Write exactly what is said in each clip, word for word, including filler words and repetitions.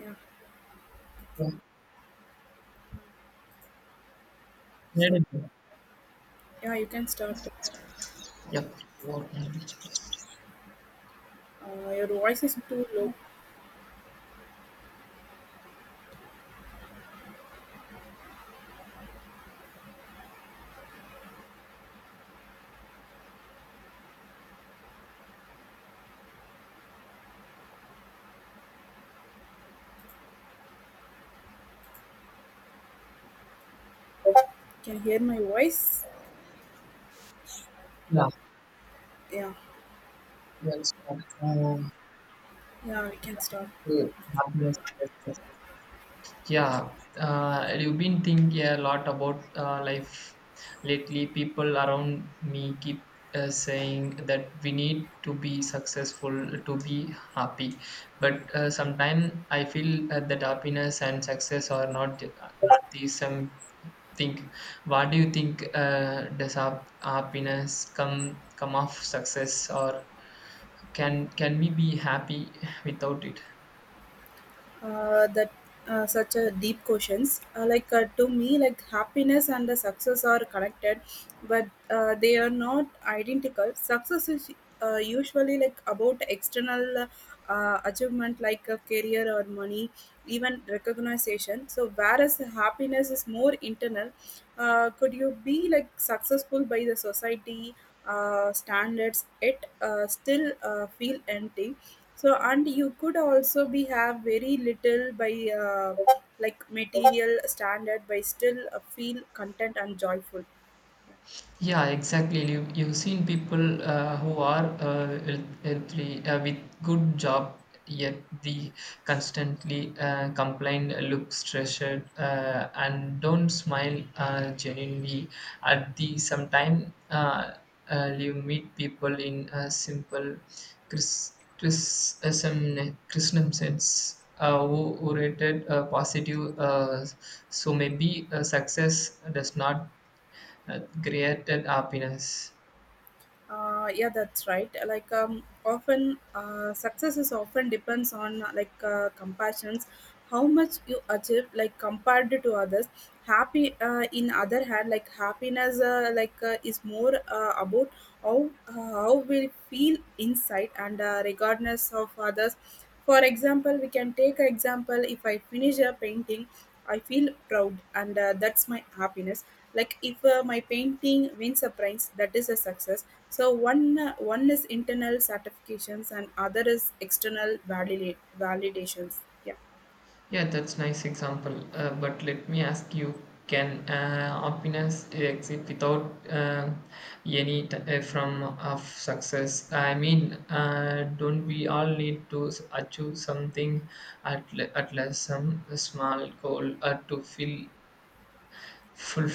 Yeah, Yeah, so incredible. yeah, you can start. Yeah, what kind of- Uh, your voice is too low. Can you hear my voice? yeah, Yeah, yeah, it's um, yeah, we can start. oh, happiness. Yes, yes, yeah, uh, I've been thinking a lot about uh, life lately. People around me keep uh, saying that we need to be successful to be happy, but uh, sometimes I feel uh, that happiness and success are not not the same thing. What do you think? Uh, does hap- happiness come come off success, or can can we be happy without it? Uh, that uh, Such a deep questions, uh, like uh, to me, like, happiness and the success are connected, but uh, they are not identical. Success is uh, usually, like, about external uh, achievement, like a career or money, even recognition, so whereas happiness is more internal. Uh, could you be, like, successful by the society uh, standards, it uh, still uh, feel empty. So and you could also be have very little by uh, like material standard by still uh, feel content and joyful. Yeah, exactly. You, you've seen people uh, who are uh, health- healthy uh, with good job, yet they constantly uh, complain, look stressed, uh, and don't smile uh, genuinely. At the same time, uh, uh, you meet people in a simple Chris, Chris, Christian sense. Uh, who, who rated uh, positive, uh, so maybe uh, success does not that created happiness. Uh, yeah, that's right, like, um, often uh, success is often depends on uh, like uh, compassions, how much you achieve, like, compared to others. Happy, uh, in other hand, like, happiness, uh, like uh, is more uh, about how, uh, how we feel inside, and uh, regardless of others. For example, we can take an example, if I finish a painting, I feel proud, and uh, that's my happiness. Like, if uh, my painting wins a prize, that is a success. So one uh, one is internal certifications and other is external validate validations. Yeah. Yeah, that's nice example. Uh, but let me ask you, can uh, happiness exist without uh, any t- uh, from of success? I mean, uh, don't we all need to s- achieve something at, le- at least some small goal uh, to feel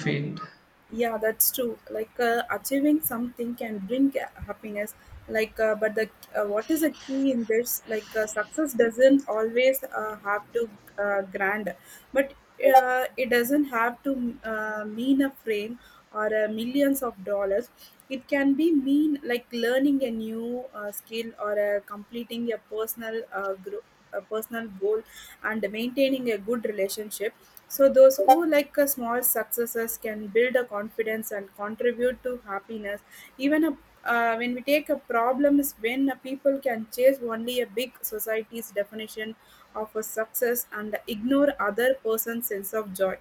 Um, yeah, that's true. Like, uh, achieving something can bring uh, happiness. Like uh, but the uh, what is the key in this, like uh, success doesn't always uh, have to uh, grand, but uh, it doesn't have to uh, mean a frame or uh, millions of dollars. It can be mean, like, learning a new uh, skill or uh, completing a personal uh, group, a personal goal, and maintaining a good relationship. So those who, like, a small successes can build a confidence and contribute to happiness. Even a, uh, when we take a problem is when a people can chase only a big society's definition of a success and ignore other person's sense of joy.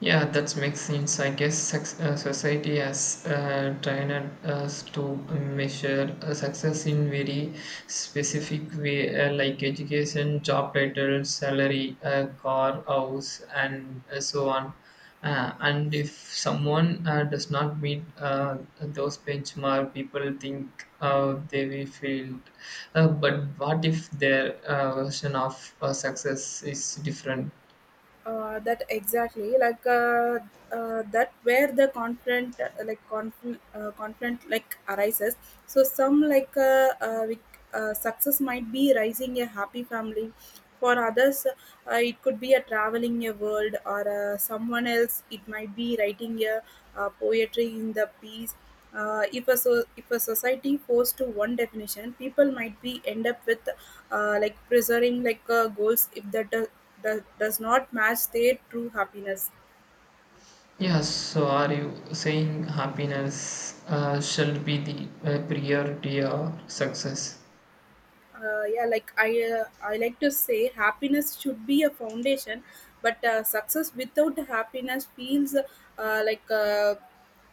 Yeah, that makes sense. I guess sex, uh, society has uh, trained uh, us to measure uh, success in very specific way, uh, like education, job title, salary, uh, car, house, and uh, so on. Uh, and if someone uh, does not meet uh, those benchmark, people think uh, they will fail. Uh, but what if their uh, version of uh, success is different? uh, that exactly like uh, uh, that where the conflict, uh, like conflict uh, conflict like, arises. So some, like uh, uh, we, uh, success might be rising a happy family. For others, uh, it could be a traveling a world, or uh, someone else it might be writing a uh, poetry in the piece. Uh, if a so if a society forced to one definition, people might be end up with uh, like preserving, like uh, goals if that uh, does, does not match their true happiness. Yes, so are you saying happiness uh, shall be the uh, priority or success? Uh, yeah like i uh, i like to say happiness should be a foundation, but uh, success without happiness feels uh, like uh,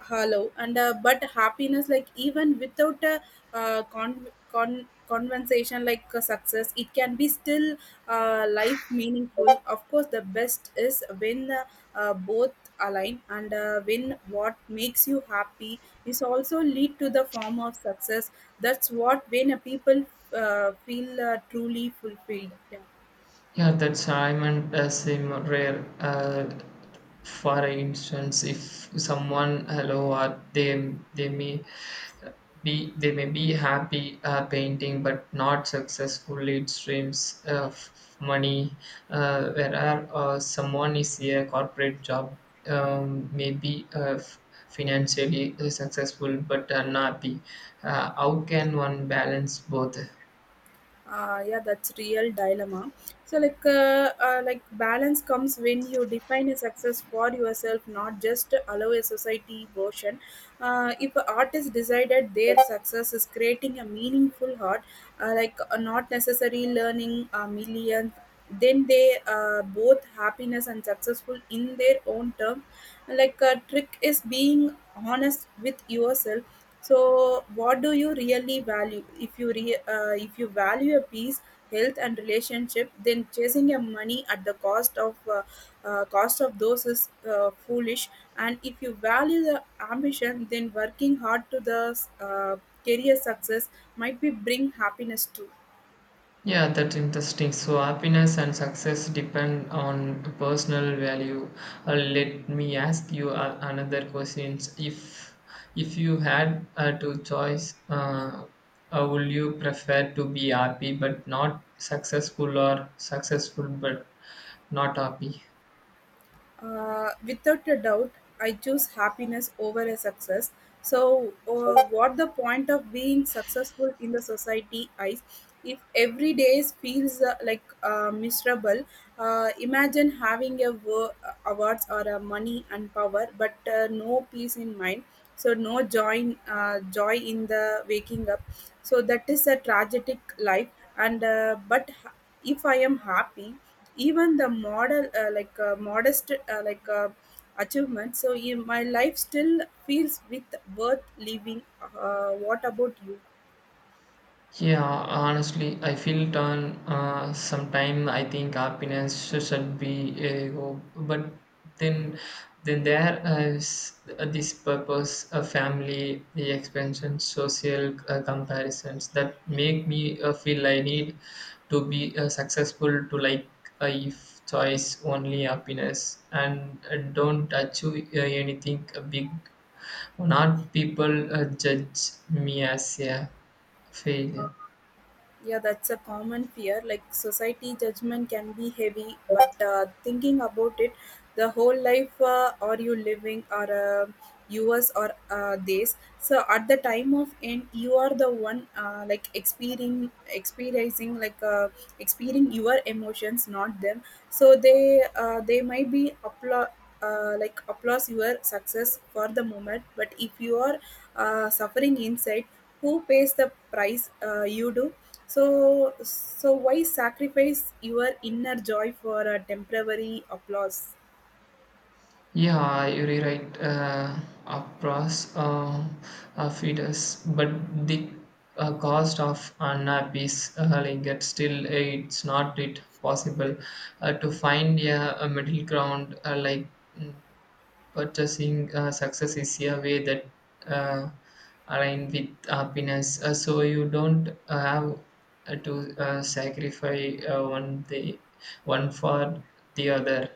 hollow, and uh, but happiness, like, even without a uh, con- con- conversation, like uh, success, it can be still uh, life meaningful. Of course, the best is when, uh, uh, both align, and uh, when what makes you happy is also lead to the form of success. That's what when a people uh, feel uh, truly fulfilled. Yeah. Yeah, that's I meant as a m- rare. Uh, for instance, if someone hello or they they may Be, they may be happy uh, painting but not successful. It streams of f- money. Uh, whereas uh, someone is a corporate job, um, may be uh, f- financially successful but unhappy. Uh, how can one balance both? Uh, yeah, that's real dilemma. So, like uh, uh, like balance comes when you define a success for yourself, not just allow a society version. Uh, if artists decided their success is creating a meaningful art, uh, like uh, not necessarily learning a million, then they uh, both happiness and successful in their own term. Like, a trick is being honest with yourself. So, what do you really value? If you re, uh, if you value a peace, health, and relationship, then chasing your money at the cost of uh, uh, cost of those is uh, foolish. And if you value the ambition, then working hard to the uh, career success might be bring happiness too. Yeah, that's interesting. So, happiness and success depend on personal value. Uh, let me ask you uh, another question. If if you had uh, two choice, uh, uh, would you prefer to be happy but not successful, or successful but not happy? Uh, without a doubt, I choose happiness over a success. So, uh, what the point of being successful in the society eyes if every day feels uh, like uh, miserable? Uh, imagine having a wo- awards or a money and power, but uh, no peace in mind. So no joy, uh, joy in the waking up. So that is a tragic life. And uh, but h- if I am happy, even the model, uh, like uh, modest, uh, like uh, achievement. So in my life still feels with worth living. Uh, what about you? Yeah, honestly, I feel torn. Uh, sometime I think happiness should, should be a goal, but then, then there is this purpose, a family, the expansion, social uh, comparisons that make me uh, feel I need to be uh, successful to like uh, if choice only happiness and uh, don't achieve uh, anything big. Not people uh, judge me as a failure. Yeah, that's a common fear. Like, society judgment can be heavy, but uh, thinking about it, the whole life uh, are you living, or uh, yours, or uh, this. So at the time of end, you are the one uh, like experiencing, experiencing, like uh, experiencing your emotions, not them. So they uh, they might be appla- uh, like applause your success for the moment, but if you are uh, suffering inside, who pays the price? Uh, you do. So so why sacrifice your inner joy for a temporary applause? Yeah, you're right. Uh, across uh, uh, feeders, but the uh, cost of an app is uh, like that still uh, it's not it possible uh, to find yeah a middle ground uh, like mm, purchasing uh, success is a way that uh, align with happiness. Uh, so you don't uh, have uh, to uh, sacrifice uh, one the one for the other.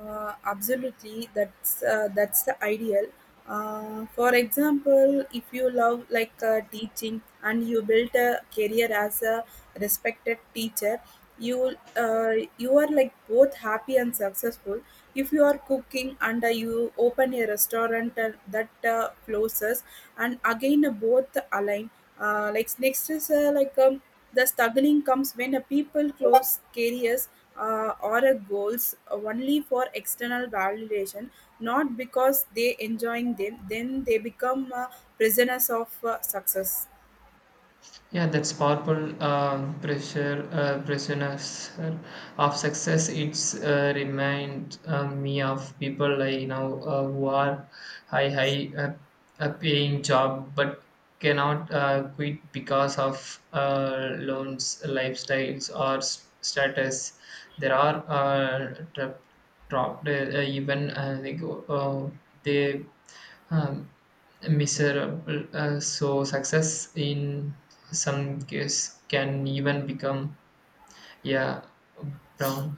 Uh, absolutely, that's uh, that's the ideal. Uh, for example, if you love, like, uh, teaching and you built a career as a respected teacher, you uh, you are, like, both happy and successful. If you are cooking, and uh, you open a restaurant uh, that uh, closes, and again, uh, both align. Uh, like next is uh, like um, The struggling comes when a people close careers, uh, or a goals only for external validation, not because they enjoying them. Then they become, uh, prisoners of uh, success. Yeah, that's powerful uh, pressure, uh, pressures of success. It's uh, remind uh, me of people I know uh, who are high, high uh, uh, paying job but cannot uh, quit because of uh, loans, lifestyles, or s- status. There are uh, trapped, trapped uh, even uh, they go, uh, they um, miserable. Uh, so success in some case can even become yeah brown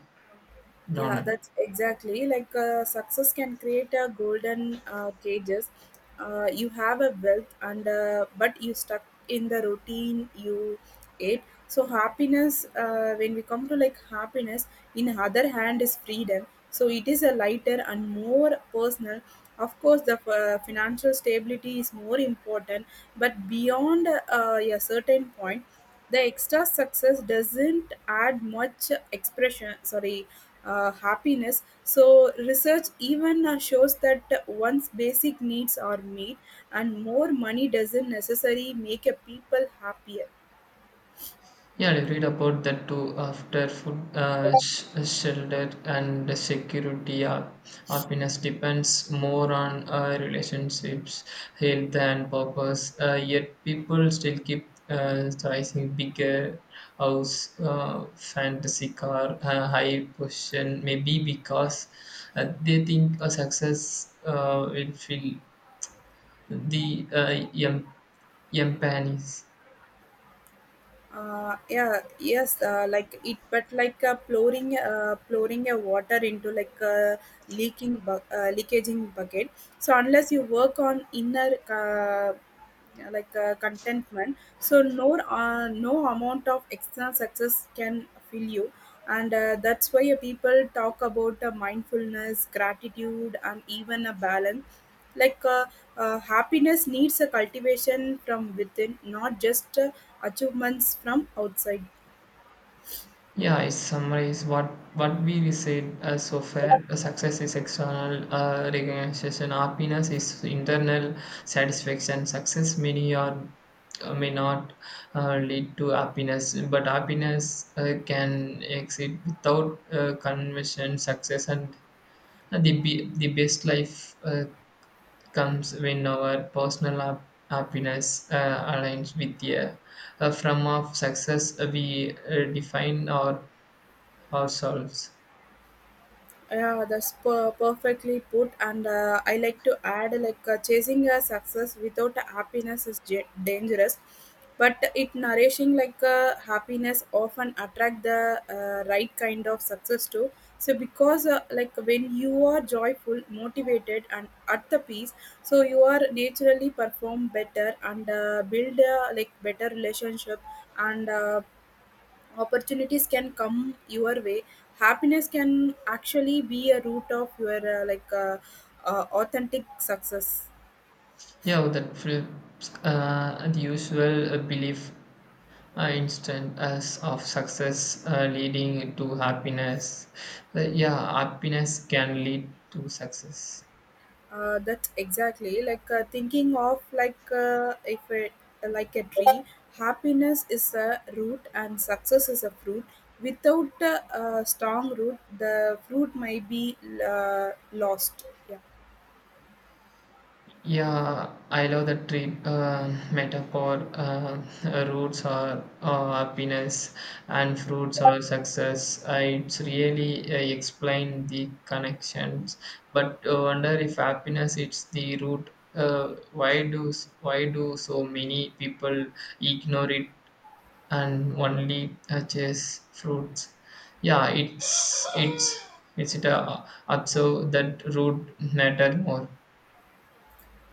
Yeah, brown. that's exactly like, uh, success can create a golden uh, cages. Uh, you have a wealth, and uh, but you stuck in the routine you ate. So happiness, uh, when we come to, like, happiness, in other hand, is freedom. So it is a lighter and more personal. Of course, the uh, financial stability is more important, but beyond uh, a certain point. The extra success doesn't add much expression, sorry, uh, happiness. So research even uh, shows that once basic needs are met, and more money doesn't necessarily make a people happier. Yeah, I read about that too after food uh, sh- shelter and security. Uh, happiness depends more on uh, relationships, health, and purpose. Uh, yet people still keep uh, chasing bigger house, uh, fantasy car, uh, high position. Maybe because uh, they think a success uh, will fill the uh, em- emptiness. uh, yeah yes uh, like it, but like uh, pouring uh, pouring a water into, like, a leaking bu- uh, leakaging bucket. So unless you work on inner, uh, like uh, contentment, so no uh, no amount of external success can fill you, and uh, that's why uh, people talk about uh, mindfulness, gratitude, and even a balance. Like uh, uh, happiness needs a cultivation from within, not just uh, achievements from outside. Yeah, I summarize what what we said uh, so far. Success is external uh, recognition. Happiness is internal satisfaction. Success many or uh, may not uh, lead to happiness, but happiness uh, can exist without uh, convention. Success and uh, the be- the best life uh, comes when our personal hap- happiness uh, aligns with the uh, from of success. uh, We uh, define our ourselves. Yeah, that's per- perfectly put. And uh, I like to add, like, uh, chasing a success without happiness is ja- dangerous, but it nourishing, like, uh, happiness often attract the uh, right kind of success too. So because uh, like when you are joyful, motivated, and at the peace, so you are naturally perform better and uh, build, uh, like, better relationship, and uh, opportunities can come your way. Happiness can actually be a root of your uh, like uh, uh, authentic success. Yeah, that flips uh, the usual uh, belief uh, instant as of success uh, leading to happiness. Uh, yeah, happiness can lead to success. Uh, that's exactly like uh, thinking of, like, uh, if it, like, a tree, happiness is a root and success is a fruit. Without a, uh strong root, the fruit might be uh, lost. Yeah. Yeah, I love the tree uh, metaphor. Uh, roots are uh, happiness, and fruits are success. I, it's really uh, explain the connections, but uh, wonder if happiness it's the root. Uh, why do s- why do so many people ignore it and only uh, chase fruits? Yeah, it's it's it's it uh, observe that root matter more.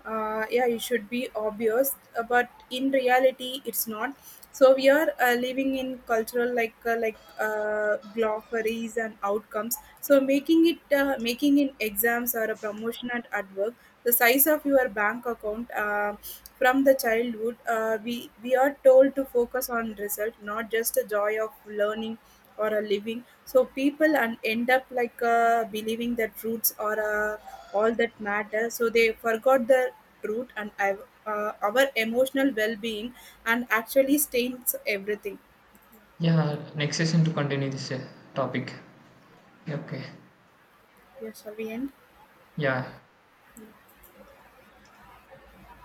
uh, Yeah, it should be obvious, uh, but in reality it's not. So we are uh, living in cultural, like uh, like uh, glossaries and outcomes. So making it, uh, making in exams or a promotion at, at work, the size of your bank account. Uh, from the childhood, uh, we, we are told to focus on result, not just the joy of learning or a living. So people and end up, like, uh, believing that roots are uh, all that matter. So they forgot the root, and uh, our emotional well-being, and actually stains everything. Yeah, next session to continue this uh, topic. Okay. Yeah, shall we end? Yeah.